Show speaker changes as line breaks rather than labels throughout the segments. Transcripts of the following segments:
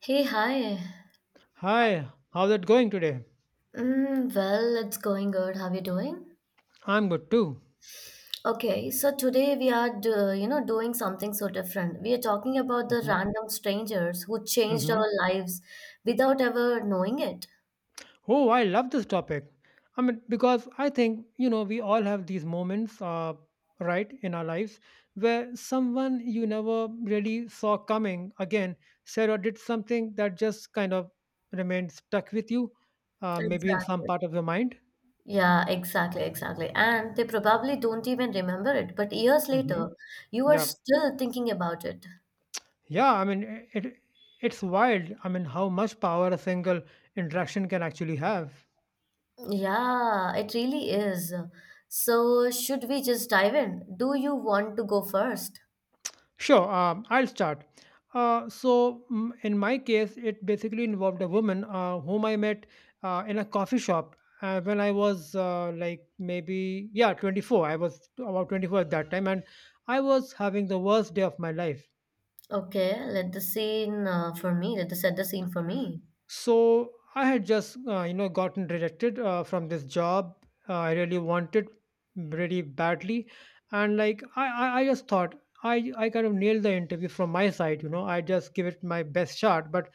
Hey, hi.
Hi, how's it going today?
Mm, well, it's going good. How are you doing?
I'm good too.
Okay, so today we are, you know, doing something so different. We are talking about the
hmm
random strangers who changed our
hmm
lives without ever knowing it.
Oh, I love this topic. I mean, because I think, you know, we all have these moments, right, in our lives where someone you never really saw coming again said or did something that just kind of remained stuck with you, maybe in some
Exactly.
part of your mind.
Yeah, exactly. And they probably don't even remember it, but years
Hmm.
later, you are
Yeah.
still thinking about it.
Yeah. I mean, it, it, it's wild. I mean, how much power a single interaction can actually have.
Yeah, it really is. So, should we just dive in? Do you want to go first?
Sure, I'll start. In my case, it basically involved a woman whom I met in a coffee shop when I was like maybe, yeah, 24. I was about 24 at that time, and I was having the worst day of my life.
Okay, let the scene for me. Let the set the scene for me.
So, I had just you know, gotten rejected from this job I really wanted really badly. And like, I just thought, I kind of nailed the interview from my side, you know, I just give it my best shot. But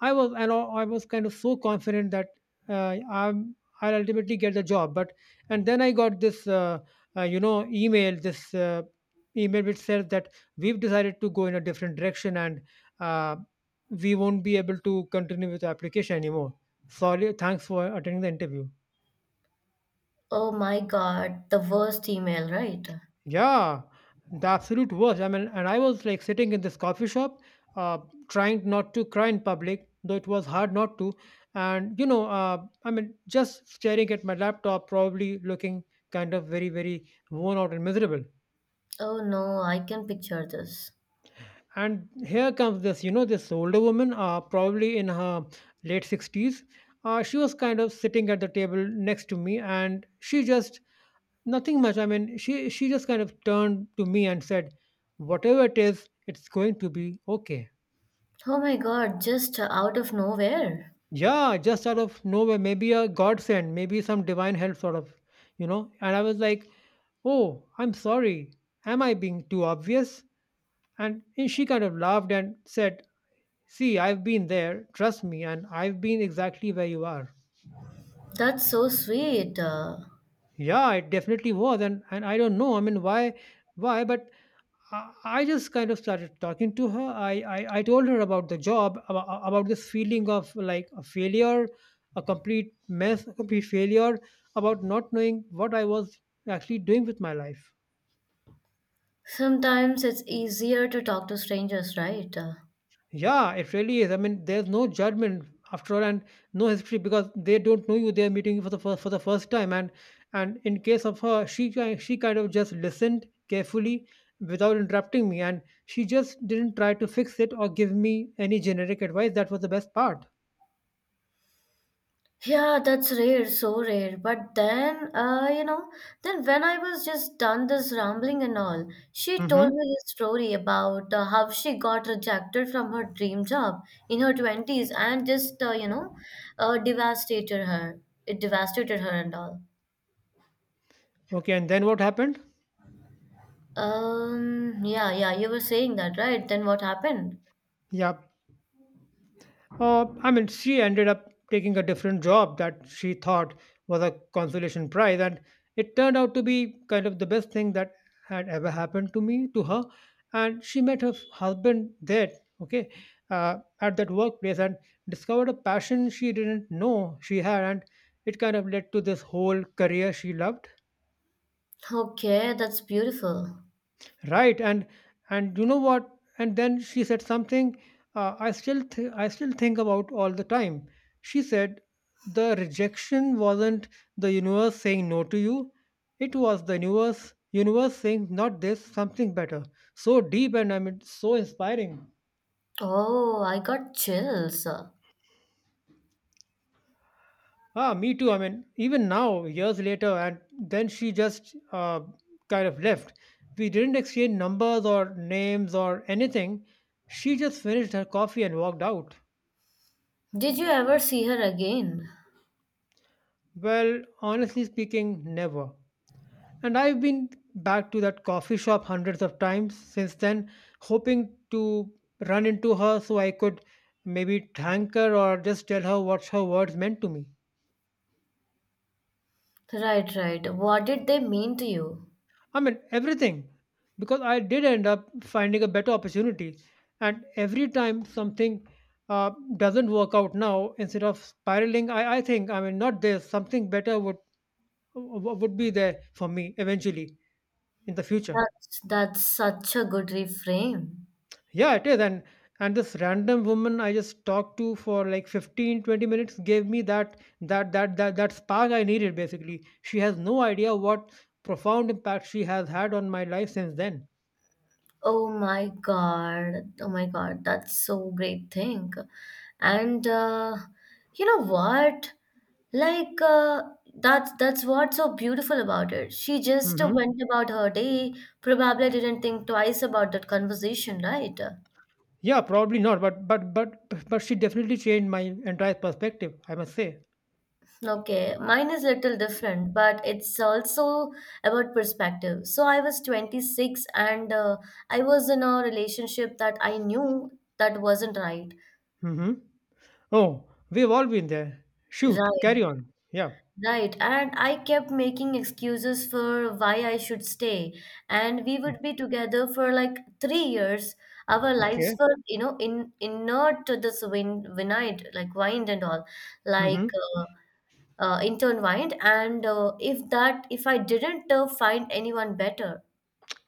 I was and I I was kind of so confident that uh, I'm I'll ultimately get the job. But and then I got this you know, email, this email which says that we've decided to go in a different direction and, uh, we won't be able to continue with the application anymore. Sorry, thanks for attending the interview.
Oh my God, the worst email, right?
Yeah, the absolute worst. I mean, and I was like sitting in this coffee shop, uh, trying not to cry in public, though it was hard not to. And you know, I mean, just staring at my laptop, probably looking kind of very, very worn out and miserable.
Oh no, I can picture this.
And here comes this, you know, this older woman, probably in her late 60s. She was kind of sitting at the table next to me, and she just nothing much. I mean, she just kind of turned to me and said, "Whatever it is, it's going to be okay."
Oh my God, just out of nowhere.
Yeah, just out of nowhere, maybe a godsend, maybe some divine help, sort of, you know. And I was like, "Oh, I'm sorry. Am I being too obvious?" And she kind of laughed and said, "See, I've been there. Trust me, and I've been exactly where you are."
That's so sweet.
Yeah, it definitely was, and I don't know. I mean, why, why? But I just kind of started talking to her. I told her about the job, about this feeling of like a failure, a complete mess, a complete failure, about not knowing what I was actually doing with my life.
Sometimes it's easier to talk to strangers, right?
Yeah, it really is. I mean, there's no judgment after all, and no history because they don't know you. They're meeting you for the first time, and in case of her, she kind of just listened carefully without interrupting me, and she just didn't try to fix it or give me any generic advice. That was the best part.
Yeah, that's rare, so rare. But then, you know, then when I was just done this rambling and all, she told me
Hmm.
this story about how she got rejected from her dream job in her 20s and just, devastated her. It devastated her and all.
Okay, and then what happened?
Yeah, yeah, you were saying that, right? Then what happened?
Yeah, I mean, she ended up taking a different job that she thought was a consolation prize, and it turned out to be kind of the best thing that had ever happened to her. And she met her husband there, okay, at that workplace and discovered a passion she didn't know she had. And it kind of led to this whole career she loved.
Okay, that's beautiful.
Right, and you know what? And then she said something I still I still think about all the time. She said the rejection wasn't the universe saying no to you; it was the universe saying not this, something better. So deep and I mean so inspiring.
Oh, I got chills.
Ah, me too. I mean even now, years later, and then she just kind of left. We didn't exchange numbers or names or anything. She just finished her coffee and walked out.
Did you ever see her again?
Well, honestly speaking, never. And I've been back to that coffee shop hundreds of times since then, hoping to run into her so I could maybe thank her or just tell her what her words meant to me.
Right, right. What did they mean to you?
I mean, everything. Because I did end up finding a better opportunity. And every time something uh, doesn't work out now, instead of spiraling, I think, I mean, not this, something better would be there for me eventually in the future.
That's such a good reframe.
Yeah, it is. And this random woman I just talked to for like fifteen to twenty minutes gave me that spark I needed basically. She has no idea what profound impact she has had on my life since then.
Oh my God. Oh my God. That's so great thing. And you know what? Like uh, that's what's so beautiful about it. She just
Hmm.
went about her day, probably didn't think twice about that conversation, right?
Yeah, probably not, but she definitely changed my entire perspective, I must say.
Okay, mine is little different, but it's also about perspective. So I was 26 and I was in a relationship that I knew that wasn't right.
Hmm. Oh, we've all been there. Shoot,
Right,
carry on. Yeah.
right. And I kept making excuses for why I should stay. And we would be together for like 3 years. Our lives
Okay.
were, you know, in inert to this wind, vinite, like wind and all.
Hmm.
Like uh, intertwined and if that if I didn't find anyone better.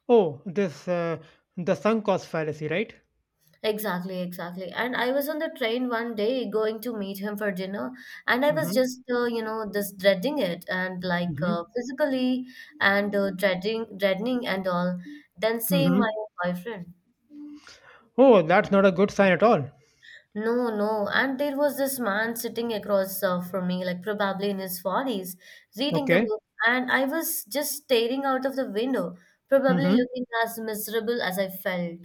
Oh, this the sunk cost fallacy, right?
Exactly, and I was on the train one day going to meet him for dinner, and I was
hmm
just you know just dreading it, and
hmm
physically and dreading and all, then seeing my
hmm
boyfriend.
Oh, that's not a good sign at all.
No, no. And there was this man sitting across from me, like probably in his 40s, reading a
Okay.
book. And I was just staring out of the window, probably
Mm-hmm.
looking as miserable as I felt.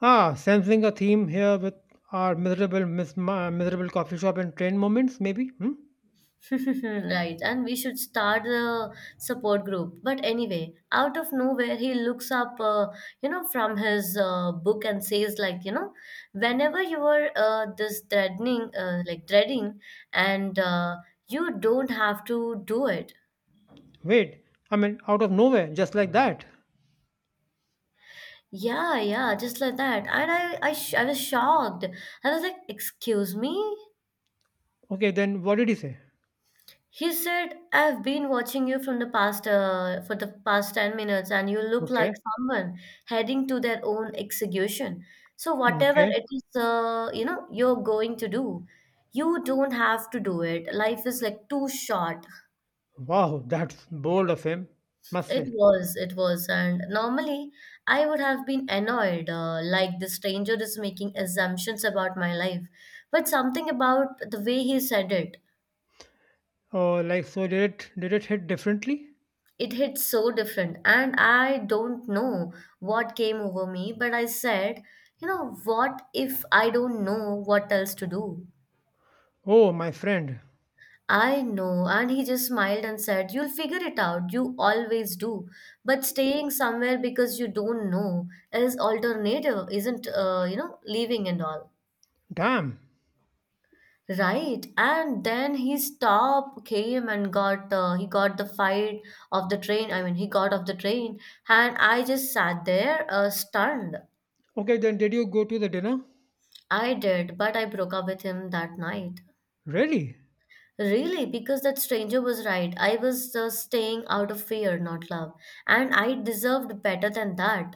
Ah, sensing a theme here with our miserable, miserable coffee shop and train moments, maybe. Hmm?
Right. And we should start the support group. But anyway, out of nowhere, he looks up, you know, from his book and says, like, you know, whenever you are this threatening, like, dreading, and you don't have to do it.
Wait, I mean, out of nowhere, just like that.
Yeah, yeah, just like that. And I was shocked. I was like, "Excuse me?"
Okay, then what did he say?
He said, "I've been watching you for the past 10 minutes, and you look like
Okay,
someone heading to their own execution. So whatever
okay.
it is, you know, you're going to do, you don't have to do it. Life is like too short.
Wow, that's bold of him, must
It
say.
was, it was. And normally I would have been annoyed, like the stranger is making assumptions about my life. But something about the way he said it,
Oh, like so, did it hit differently?
it hit so different. And I don't know what came over me, but I said, you know, what if I don't know what else to do?
Oh, my friend.
I know. And he just smiled and said, You'll figure it out. You always do. But staying somewhere because you don't know is alternative, isn't, you know, leaving and all.
Damn.
Right. And then his top came and got, he got the fight of the train. I mean, he got off the train. And I just sat there, stunned.
Okay, then did you go to the dinner?
I did, but I broke up with him that night.
Really?
Really, because that stranger was right. I was staying out of fear, not love. And I deserved better than that.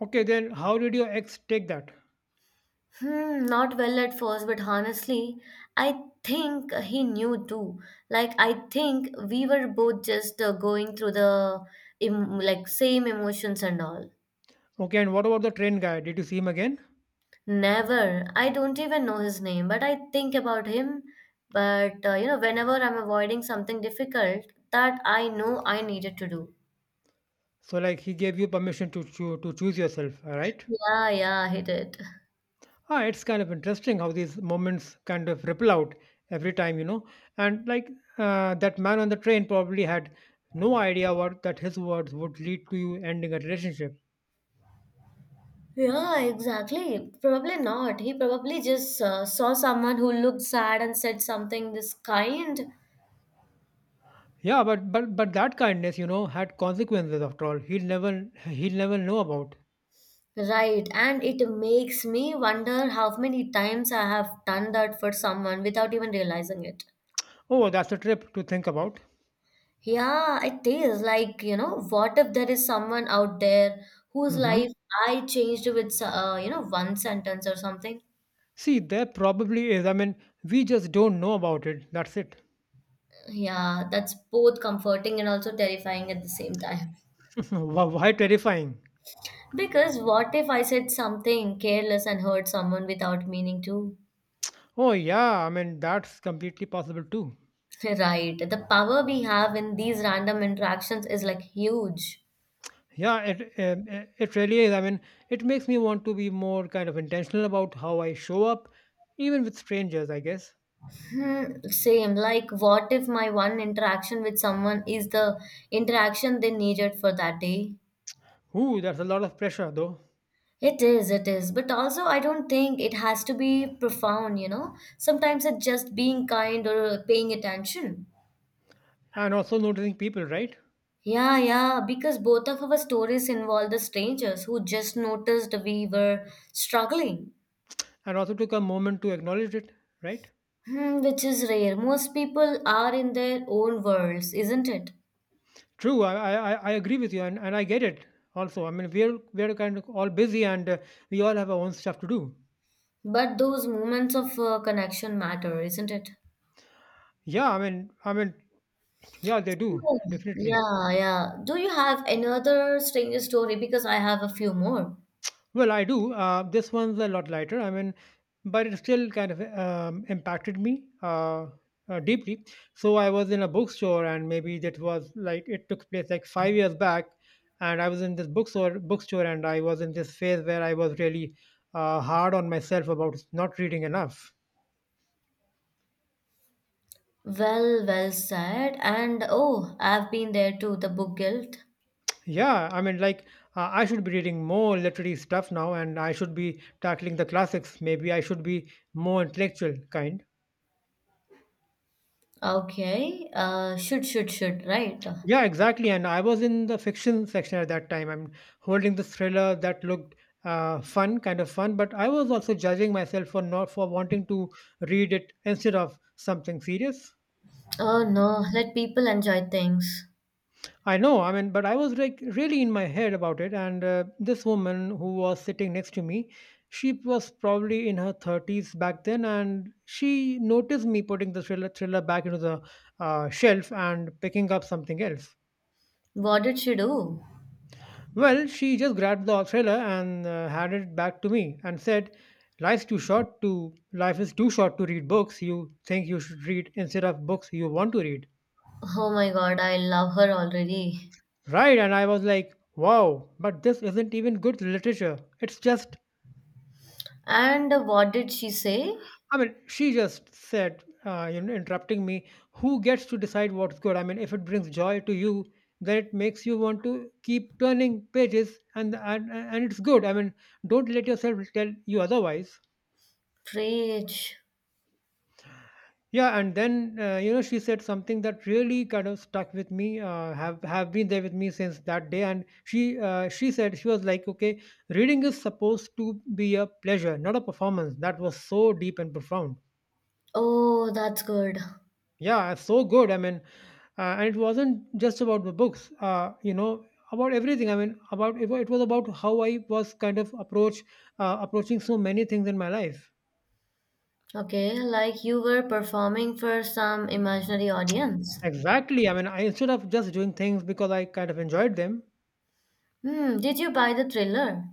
Okay, then how did your ex take that?
Hmm, not well at first, but honestly, I think he knew too. Like, I think we were both just going through the like same emotions and all.
Okay, and what about the train guy? Did you see him again?
Never. I don't even know his name, but I think about him. But you know, whenever I'm avoiding something difficult that I know I needed to do.
So like he gave you permission to to choose yourself, all right?
Yeah, yeah, he did.
Ah, it's kind of interesting how these moments kind of ripple out every time, you know. And like that man on the train probably had no idea what that his words would lead to you ending a relationship.
Yeah, exactly. Probably not. He probably just saw someone who looked sad and said something this kind.
Yeah, but that kindness, you know, had consequences after all. He'll never know about.
Right. And it makes me wonder how many times I have done that for someone without even realizing it.
Oh, that's a trip to think about.
Yeah, it is. Like, you know, what if there is someone out there whose
Hmm.
life I changed with, you know, one sentence or something?
See, there probably is. I mean, we just don't know about it. That's it.
Yeah, that's both comforting and also terrifying at the same time.
Why terrifying?
Because what if I said something careless and hurt someone without meaning to?
Oh yeah, I mean that's completely possible too.
Right. The power we have in these random interactions is like huge.
Yeah, it really is. I mean, it makes me want to be more kind of intentional about how I show up, even with strangers, I guess.
Hmm, same. Like, what if my one interaction with someone is the interaction they needed for that day?
Ooh, that's a lot of pressure though,
It is, it is. But also, I don't think it has to be profound, you know? Sometimes it's just being kind or paying attention.
and also noticing people, right?
Yeah, yeah, because both of our stories involve the strangers who just noticed we were struggling,
And also took a moment to acknowledge it, right?
hmm, which is rare. Most people are in their own worlds, isn't it?
True, I agree with you, and I get it. Also, I mean we're kind of all busy, and we all have our own stuff to do.
But those moments of connection matter, isn't it?
Yeah, I mean I mean yeah, they do
Oh,
definitely.
yeah, yeah. Do you have another stranger story? Because I have a few more.
Well, I do. This one's a lot lighter. I mean, but it still kind of impacted me deeply. So I was in a bookstore, and maybe that was like it took place like 5 years back. And I was in this and I was in this phase where I was really hard on myself about not reading enough.
Well, well said. And oh, I've been there too, the book guilt.
Yeah, I mean, like I should be reading more literary stuff now, and I should be tackling the classics. Maybe I should be more intellectual kind.
Okay. Should, right?
Yeah, exactly. And I was in the fiction section at that time. I'm holding this thriller that looked fun, kind of fun, but I was also judging myself for not for wanting to read it instead of something serious.
Oh no, let people enjoy things.
I know, I mean, but I was like really in my head about it. And this woman who was sitting next to me, she was probably in her 30s back then, and she noticed me putting the thriller back into the shelf and picking up something else.
What did she do?
Well, she just grabbed the umbrella and handed it back to me and said, "Life's too short to life is too short to read books you think you should read instead of books you want to read."
Oh my god, I love her already.
Right, and I was like, "Wow, but this isn't even good literature. It's just
And what did she say?
I mean, she just said, you know, interrupting me, who gets to decide what's good? I mean, if it brings joy to you, then it makes you want to keep turning pages and it's good. I mean, don't let yourself tell you otherwise.
Preach.
Yeah, and then you know she said something that really kind of stuck with me. Have been there with me since that day. And she said she was like, okay, reading is supposed to be a pleasure, not a performance. That was so deep and profound.
Oh, that's good.
Yeah, so good. I mean, and it wasn't just about the books. You know, about everything. I mean, it was about how I was kind of approaching so many things in my life.
Okay, like you were performing for some imaginary audience.
Exactly. I mean, I instead of just doing things because I kind of enjoyed them.
Hmm, did you buy the thriller?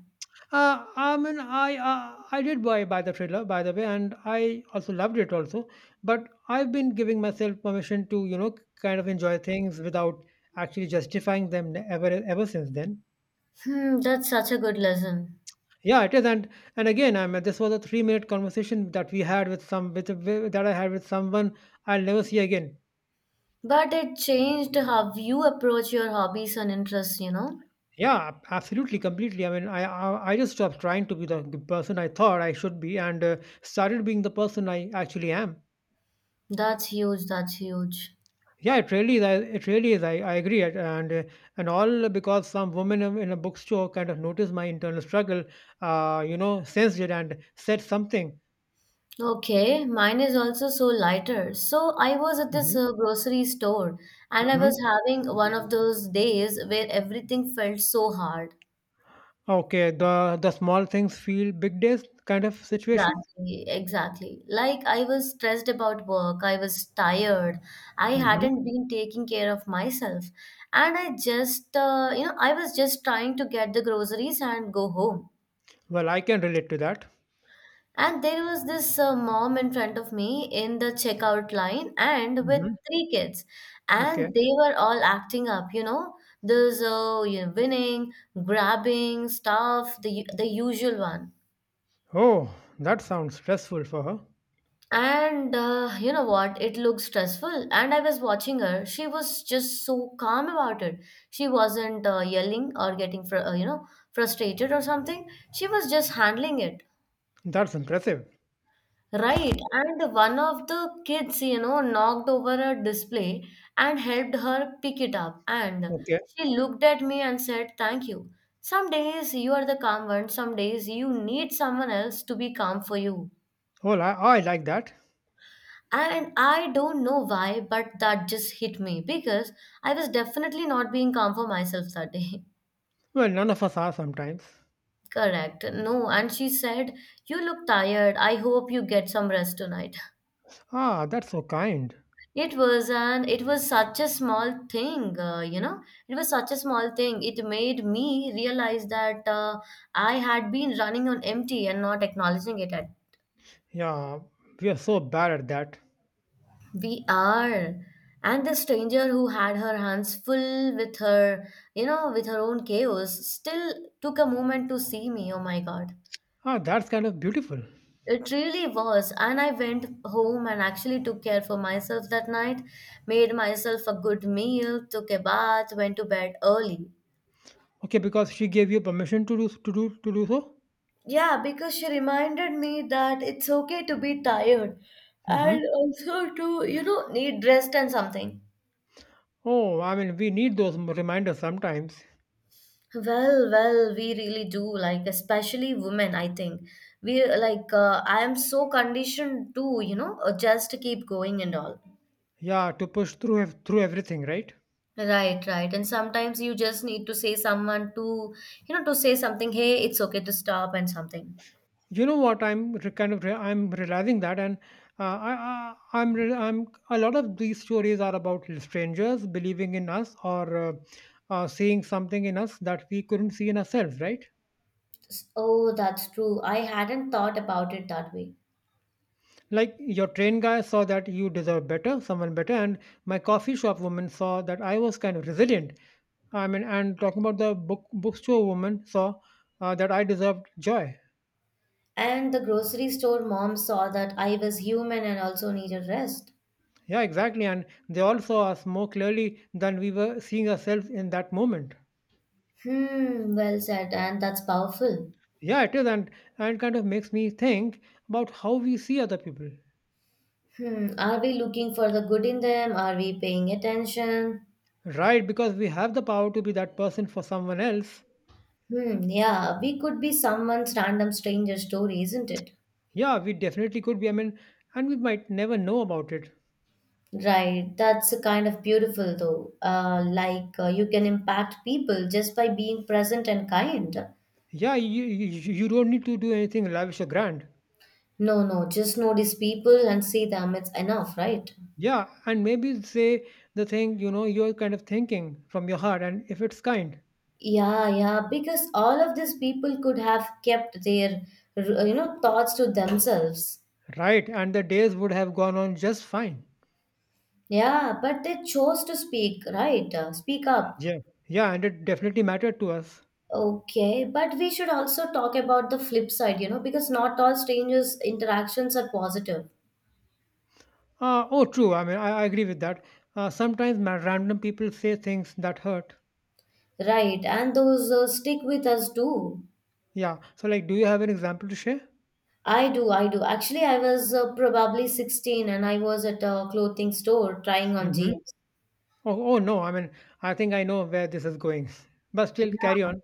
I did buy the trailer, by the way, and I also loved it also. But I've been giving myself permission to kind of enjoy things without actually justifying them ever since then.
Hmm, that's such a good lesson.
Yeah, it is, and again, I mean, this was a 3 minute conversation that we had with some with that I had with someone I'll never see again.
But it changed how you approach your hobbies and interests, you know?
Yeah, absolutely, completely. I mean, I just stopped trying to be the person I thought I should be and started being the person I actually am.
That's huge.
Yeah, it really is. It really is. I agree, and and all because some woman in a bookstore kind of noticed my internal struggle, sensed it and said something.
Okay, mine is also so lighter. So I was at this
Hmm
grocery store and I
hmm
was having one of those days where everything felt so hard.
Okay, the small things feel big days kind of situation.
Exactly. Like I was stressed about work, I was tired, I
Hmm
hadn't been taking care of myself, and I just, you know, I was just trying to get the groceries and go home.
Well, I can relate to that.
And there was this mom in front of me in the checkout line and with
Hmm
three kids. And
Okay.
they were all acting up, you know, this winning, grabbing stuff, the usual one.
Oh, that sounds stressful for her.
And you know what? It looked stressful. And I was watching her. She was just so calm about it. She wasn't yelling or getting, you know, frustrated or something. She was just handling it.
That's impressive.
Right, and one of the kids, you know, knocked over a display and helped her pick it up. And
Okay.
she looked at me and said, Thank you. Some days you are the calm one, some days you need someone else to be calm for you.
Well, I like that.
And I don't know why, but that just hit me because I was definitely not being calm for myself that day.
Well, none of us are sometimes.
Correct. No, and she said, You look tired. I hope you get some rest tonight.
Ah, that's so kind.
It was, an. It was such a small thing, you know. It was such a small thing. It made me realize that I had been running on empty and not acknowledging it. At
Yeah, we are so bad at that.
we are, and the stranger who had her hands full with her, you know, with her own chaos, still took a moment to see me. Oh my God.
Ah, that's kind of beautiful.
It really was. And I went home and actually took care for myself that night, made myself a good meal, took a bath, went to bed early.
Okay, because she gave you permission to do so.
Yeah, because she reminded me that it's okay to be tired and
Mm-hmm.
also to, you know, need rest and something.
Oh, I mean, we need those reminders sometimes.
Well, well, we really do, like, especially women, I think. We like, I am so conditioned to, you know, just keep going and all.
Yeah, to push through everything, right?
Right, right. And sometimes you just need to say someone to, you know, to say something, hey, it's okay to stop and something.
You know what? I'm re- kind of re- I'm realizing that, and I'm, a lot of these stories are about strangers believing in us or seeing something in us that we couldn't see in ourselves, right?
Oh, that's true. I hadn't thought about it that way.
Like your train guy saw that you deserve someone better, and my coffee shop woman saw that I was kind of resilient. I mean, and talking about the bookstore woman saw that I deserved joy.
And the grocery store mom saw that I was human and also needed rest.
Yeah, exactly. And they all saw us more clearly than we were seeing ourselves in that moment.
Hmm, well said, and that's powerful.
Yeah, it is, and it kind of makes me think about how we see other people,
Hmm, are we looking for the good in them? Are we paying attention?
right? Because we have the power to be that person for someone else.
Hmm, yeah, we could be someone's random stranger story, isn't it?
Yeah, we definitely could be. I mean, and we might never know about it.
Right, that's a kind of beautiful though. Like you can impact people just by being present and kind.
Yeah, you don't need to do anything lavish or grand.
No, no, just notice people and see them, it's enough, right?
Yeah, and maybe say the thing you're kind of thinking from your heart, and if it's kind,
Yeah, yeah, because all of these people could have kept their, you know, thoughts to themselves.
right? And the days would have gone on just fine.
Yeah, but they chose to speak, right? Speak up.
Yeah, yeah, and it definitely mattered to us.
Okay, but we should also talk about the flip side because not all strangers' interactions are positive,
Oh, true. I mean, I agree with that. Sometimes random people say things that hurt.
right? And those stick with us too.
Yeah. So, like, do you have an example to share?
I do, I do. Actually, I was probably 16 and I was at a clothing store trying on
Mm-hmm.
jeans.
Oh, oh no. I mean, I think I know where this is going. But still, carry
Yeah.
on.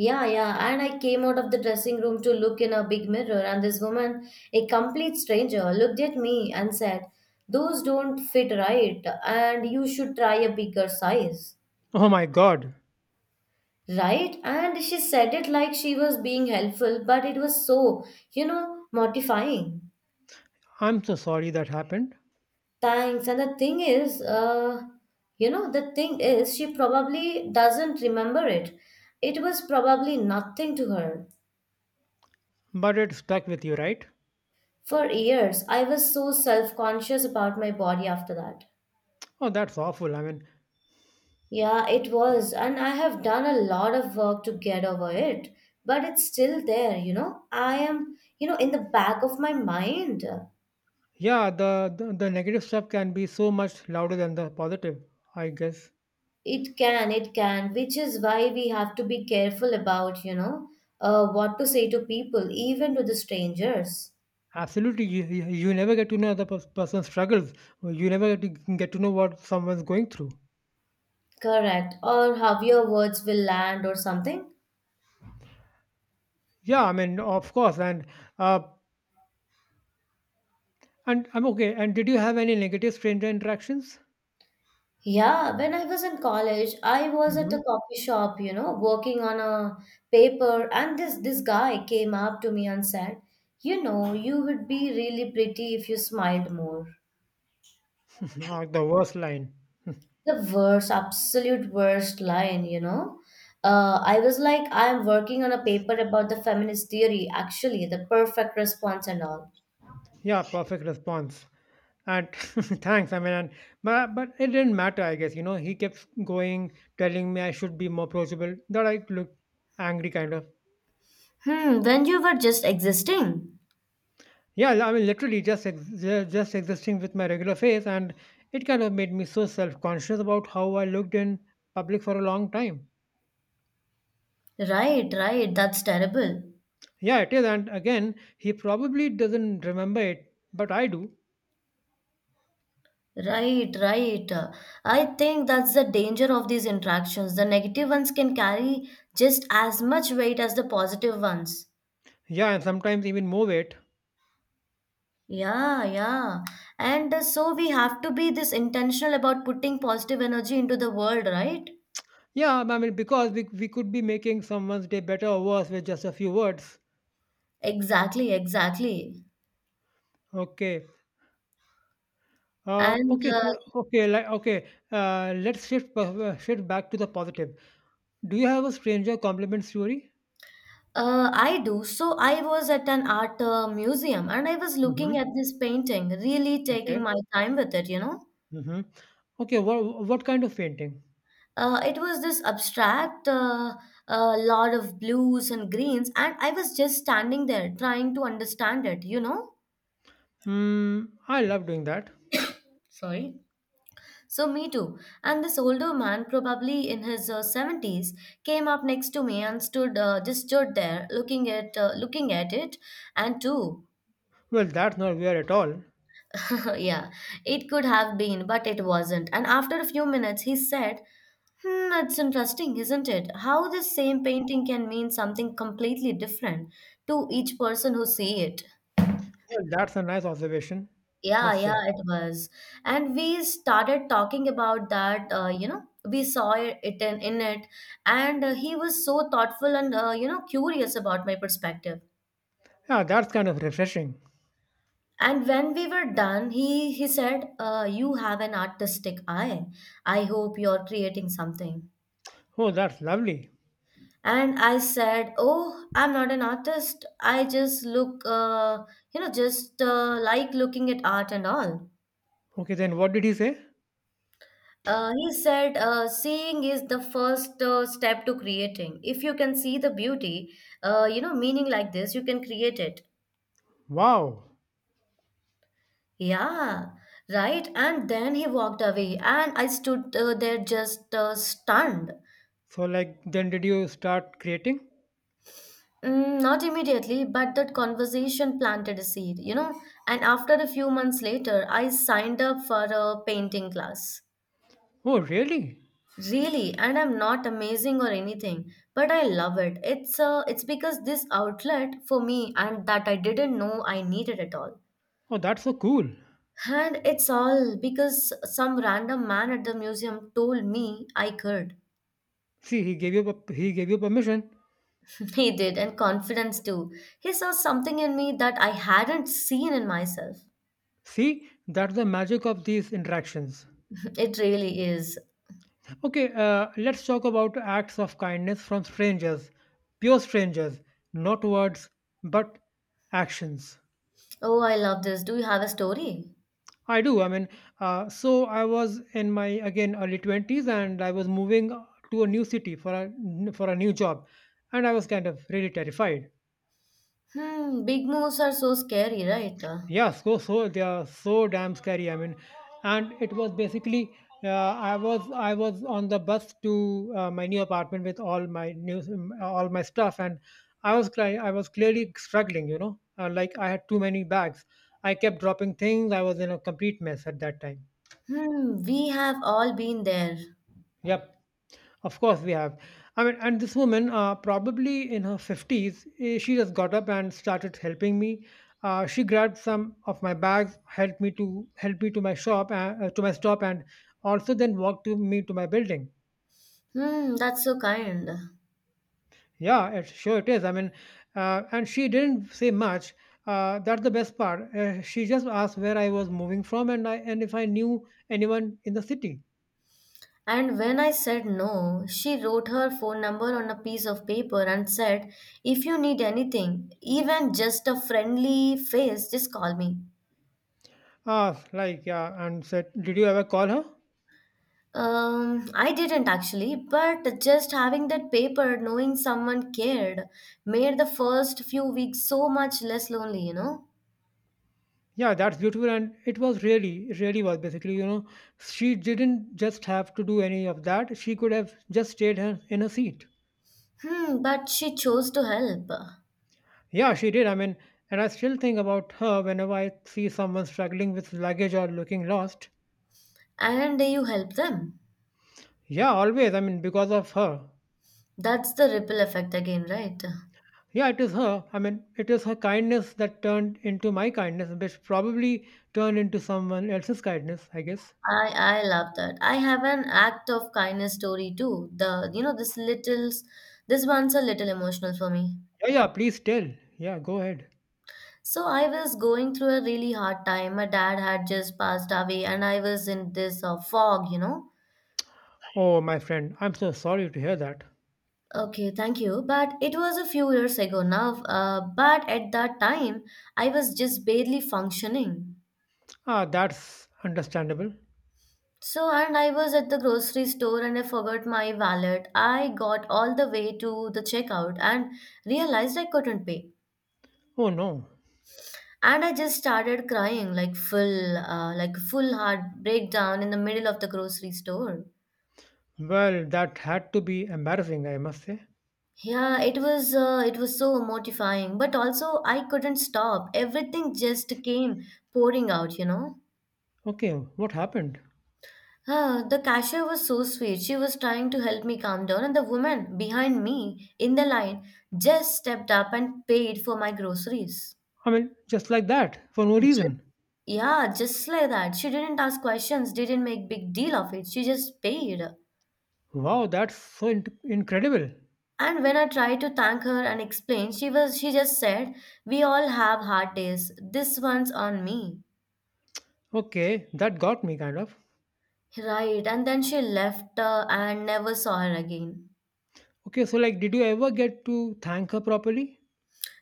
Yeah, yeah. And I came out of the dressing room to look in a big mirror, and this woman, a complete stranger, looked at me and said, "Those don't fit right, and you should try a bigger size."
Oh my God.
Right? And she said it like she was being helpful, but it was so mortifying.
I'm so sorry that happened,
Thanks. And the thing is, you know, the thing is, she probably doesn't remember it. It was probably nothing to her.
but it stuck with you, right?
For years, I was so self conscious about my body after that.
Oh, that's awful. I mean,
Yeah, it was, and I have done a lot of work to get over it, but it's still there. I am, in the back of my mind.
yeah, the negative stuff can be so much louder than the positive, I guess.
It can, which is why we have to be careful about what to say to people, even to the strangers.
Absolutely, you never get to know the person's struggles. You never get to know what someone's going through.
Correct, or how your words will land or something.
Yeah, I mean, of course, uh, and I'm okay. And did you have any negative stranger interactions?
Yeah, when I was in college, I was at
Mm-hmm.
a coffee shop, working on a paper, and this guy came up to me and said, "You know, you would be really pretty if you smiled more."
The worst line.
The worst, absolute worst line. I was like, I am working on a paper about the feminist theory, actually, the perfect response and all.
Yeah, perfect response. And thanks. I mean, but, it didn't matter, I guess. You know, he kept going, telling me I should be more approachable. That I look angry, kind of.
Hmm, when you were just existing.
Yeah, I mean, literally just existing with my regular face, and it kind of made me so self conscious about how I looked in public for a long time.
Right, right, that's terrible.
Yeah, it is, and again, he probably doesn't remember it, but I do.
Right, right. I think that's the danger of these interactions. The negative ones can carry just as much weight as the positive ones.
Yeah, and sometimes even more it.
Yeah, yeah. And so we have to be this intentional about putting positive energy into the world, right?
Yeah, I mean, because we could be making someone's day better or worse with just a few words.
Exactly, exactly.
Okay.
And
Let's shift back to the positive. Do you have a stranger compliment story?
I do. So I was at an art museum and I was
Mm-hmm.
looking at this painting, really taking my time with it, you know?
Mm-hmm. Okay, what kind of painting?
It was this abstract lot of blues and greens, and I was just standing there trying to understand it, you know?
Hmm, I love doing that.
Sorry. So, me too. And this older man, probably in his 70s, came up next to me and just stood there looking at it. And too.
Well, that's not weird at all.
Yeah, it could have been, but it wasn't. And after a few minutes, he said, "Hmm, that's interesting, isn't it? How the same painting can mean something completely different to each person who see it."
Well, that's a nice observation,
Yeah,
must
yeah,
say.
it was. And we started talking about that, we saw it in it, and he was so thoughtful and curious about my perspective.
Yeah, that's kind of refreshing.
And when we were done, he said, "You have an artistic eye. I hope you're creating something."
Oh, that's lovely.
And I said, oh, I'm not an artist, I just look, you know just like looking at art and all.
Okay, then what did he say?
He said, seeing is the first step to creating, if you can see the beauty, meaning like this, you can create it.
Wow.
Yeah, right, and then he walked away, and I stood, there, just stunned.
So, like, then did you start creating?
Mm, not immediately, but that conversation planted a seed. And after a few months later, I signed up for a painting class.
Oh, really?
Really, and I'm not amazing or anything, but I love it. It's because this outlet for me and that I didn't know I needed at all.
Oh, that's so cool.
And it's all because some random man at the museum told me I could.
See, he gave you permission.
He did, and confidence too. He saw something in me that I hadn't seen in myself.
See, that's the magic of these interactions.
It really is.
Okay, let's talk about acts of kindness from strangers, pure strangers, not words, but actions.
Oh, I love this. Do you have a story?
I do. I mean, so I was in my again early twenties, and I was moving to a new city for a new job, and I was kind of really terrified.
Hmm, big moves are so scary, right?
Yeah, so they are so damn scary. I mean, and it was basically, I was on the bus to my new apartment with all my stuff, and I was clearly struggling, you know, like I had too many bags, I kept dropping things. I was in a complete mess at that time.
Hmm, we have all been there.
Yep. Of course, we have. I mean, and this woman, probably in her 50s, she just got up and started helping me. She grabbed some of my bags, help me to my to my stop, and also then walked to me to my building.
Hmm, that's so kind.
Yeah, sure it is. I mean, and she didn't say much. That's the best part. She just asked where I was moving from, and if I knew anyone in the city.
And when I said no, she wrote her phone number on a piece of paper and said, "If you need anything, even just a friendly face, just call me."
Ah, like yeah, and said, did you ever call her?
I didn't actually, but just having that paper, knowing someone cared, made the first few weeks so much less lonely, you know?
Yeah, that's beautiful, and it really was, basically, you know, she didn't just have to do any of that. She could have just stayed her in her seat.
Hmm, but she chose to help,
Yeah, she did. I mean, and I still think about her whenever I see someone struggling with luggage or looking lost.
and you help them.
Yeah, always. I mean, because of her.
That's the ripple effect again, right?
Yeah, it is her. I mean, it is her kindness that turned into my kindness, which probably turned into someone else's kindness, I guess.
I love that. I have an act of kindness story too. The you know this little This one's a little emotional for me.
Yeah, yeah, please tell. Yeah, go ahead.
So I was going through a really hard time. My dad had just passed away, and I was in this fog,
Oh, my friend, I'm so sorry to hear that.
Okay, thank you. But it was a few years ago now. But at that time, I was just barely functioning.
Ah, that's understandable.
So, and I was at the grocery store and I forgot my wallet. I got all the way to the checkout and realized I couldn't pay.
Oh no.
And I just started crying like like full heart breakdown in the middle of the grocery store.
Well, that had to be embarrassing, I must say.
Yeah, it was so mortifying, but also I couldn't stop. Everything just came pouring out.
Okay, what happened?
Huh, the cashier was so sweet. She was trying to help me calm down, and the woman behind me in the line just stepped up and paid for my groceries.
I mean, just like that, for no
Just,
reason.
yeah, just like that. She didn't ask questions, didn't make big deal of it. She just paid.
Wow, that's incredible.
And when I tried to thank her and explain, she just said, "We all have hard days. This one's on me."
Okay, that got me kind of.
Right, and then she left, and never saw her again.
Okay, so like, did you ever get to thank her properly?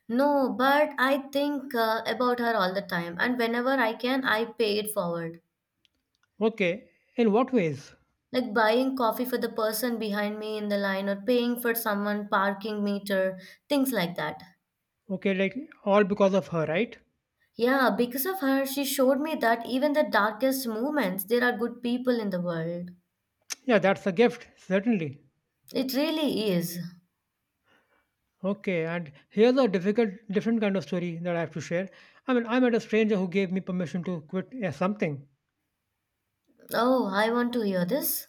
No, but I think about her all the time, and whenever I can, I pay it forward.
Okay, in what ways?
Like buying coffee for the person behind me in the line or paying for someone parking meter, things like that.
Okay, like, all because of her, right?
Yeah, because of her, she showed me that even the darkest moments, there are good people in the world.
Yeah, that's a gift, certainly.
It really is.
Okay, and here's different kind of story that I have to share. I mean, I met a stranger who gave me permission to quit yeah, something.
Oh, I want to hear this.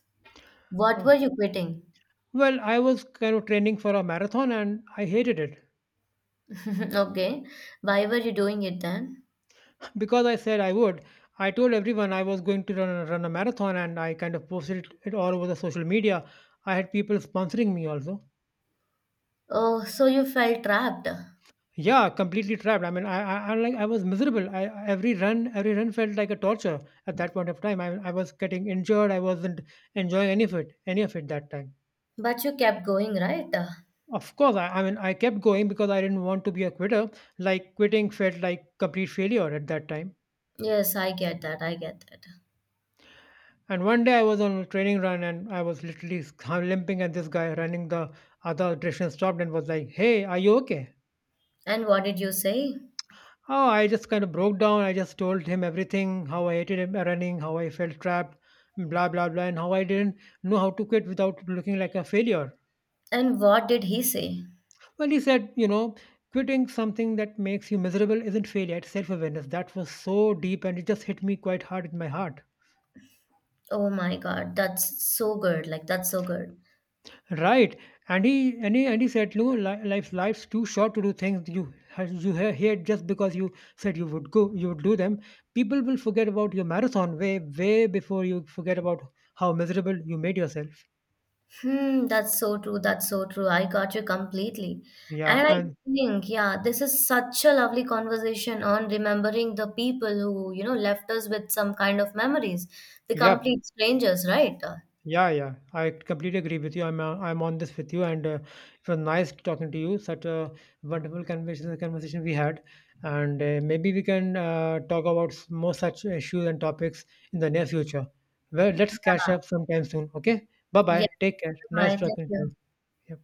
What were
Uh,
you quitting?
well, I was kind of training for a marathon and I hated it.
Okay, why were you doing it then?
Because I said I would. I told everyone I was going run a marathon, and I kind of posted it all over the social media. I had people sponsoring me also.
Oh, so you felt trapped.
Yeah, completely trapped. I mean, I like I was miserable. Every every run felt like a torture at that point of time. I was getting injured. I wasn't enjoying any of it, that time.
But you kept going, right?
Of course, I mean, I kept going because I didn't want to be a quitter. Like, quitting felt like complete failure at that time.
Yes, I get that. I get that.
And one day I was on a training run and I was literally limping, and this guy running the other direction stopped and was like, "Hey, are you okay?"
And what did you say?
Oh, I just kind of broke down. I just told him everything, how I hated him running, how I felt trapped, blah, blah, blah, and how I didn't know how to quit without looking like a failure.
And what did he say?
Well, he said, you know, quitting something that makes you miserable isn't failure, it's self awareness. That was so deep and it just hit me quite hard in my heart.
Oh my God, that's so good. Like, that's so good.
Right. And he said, no, li- life, life's too short to do things hate just because you said you would you would do them. People will forget about your marathon way before you forget about how miserable you made yourself.
Hmm, that's so true. That's so true. I got you completely.
Yeah.
And I
And,
think, yeah, this is such a lovely conversation on remembering the people who left us with some kind of memories, the
yeah.
complete strangers, right?
Yeah, yeah, I completely agree with you. I'm on this with you, and it was nice talking to you. Such a wonderful conversation we had, and maybe we can talk about more such issues and topics in the near future. Well, let's catch
Yeah.
up sometime soon. Okay, bye
Yes.
bye. Take care. Nice
Bye. Thank
talking to you.
you.
Yeah.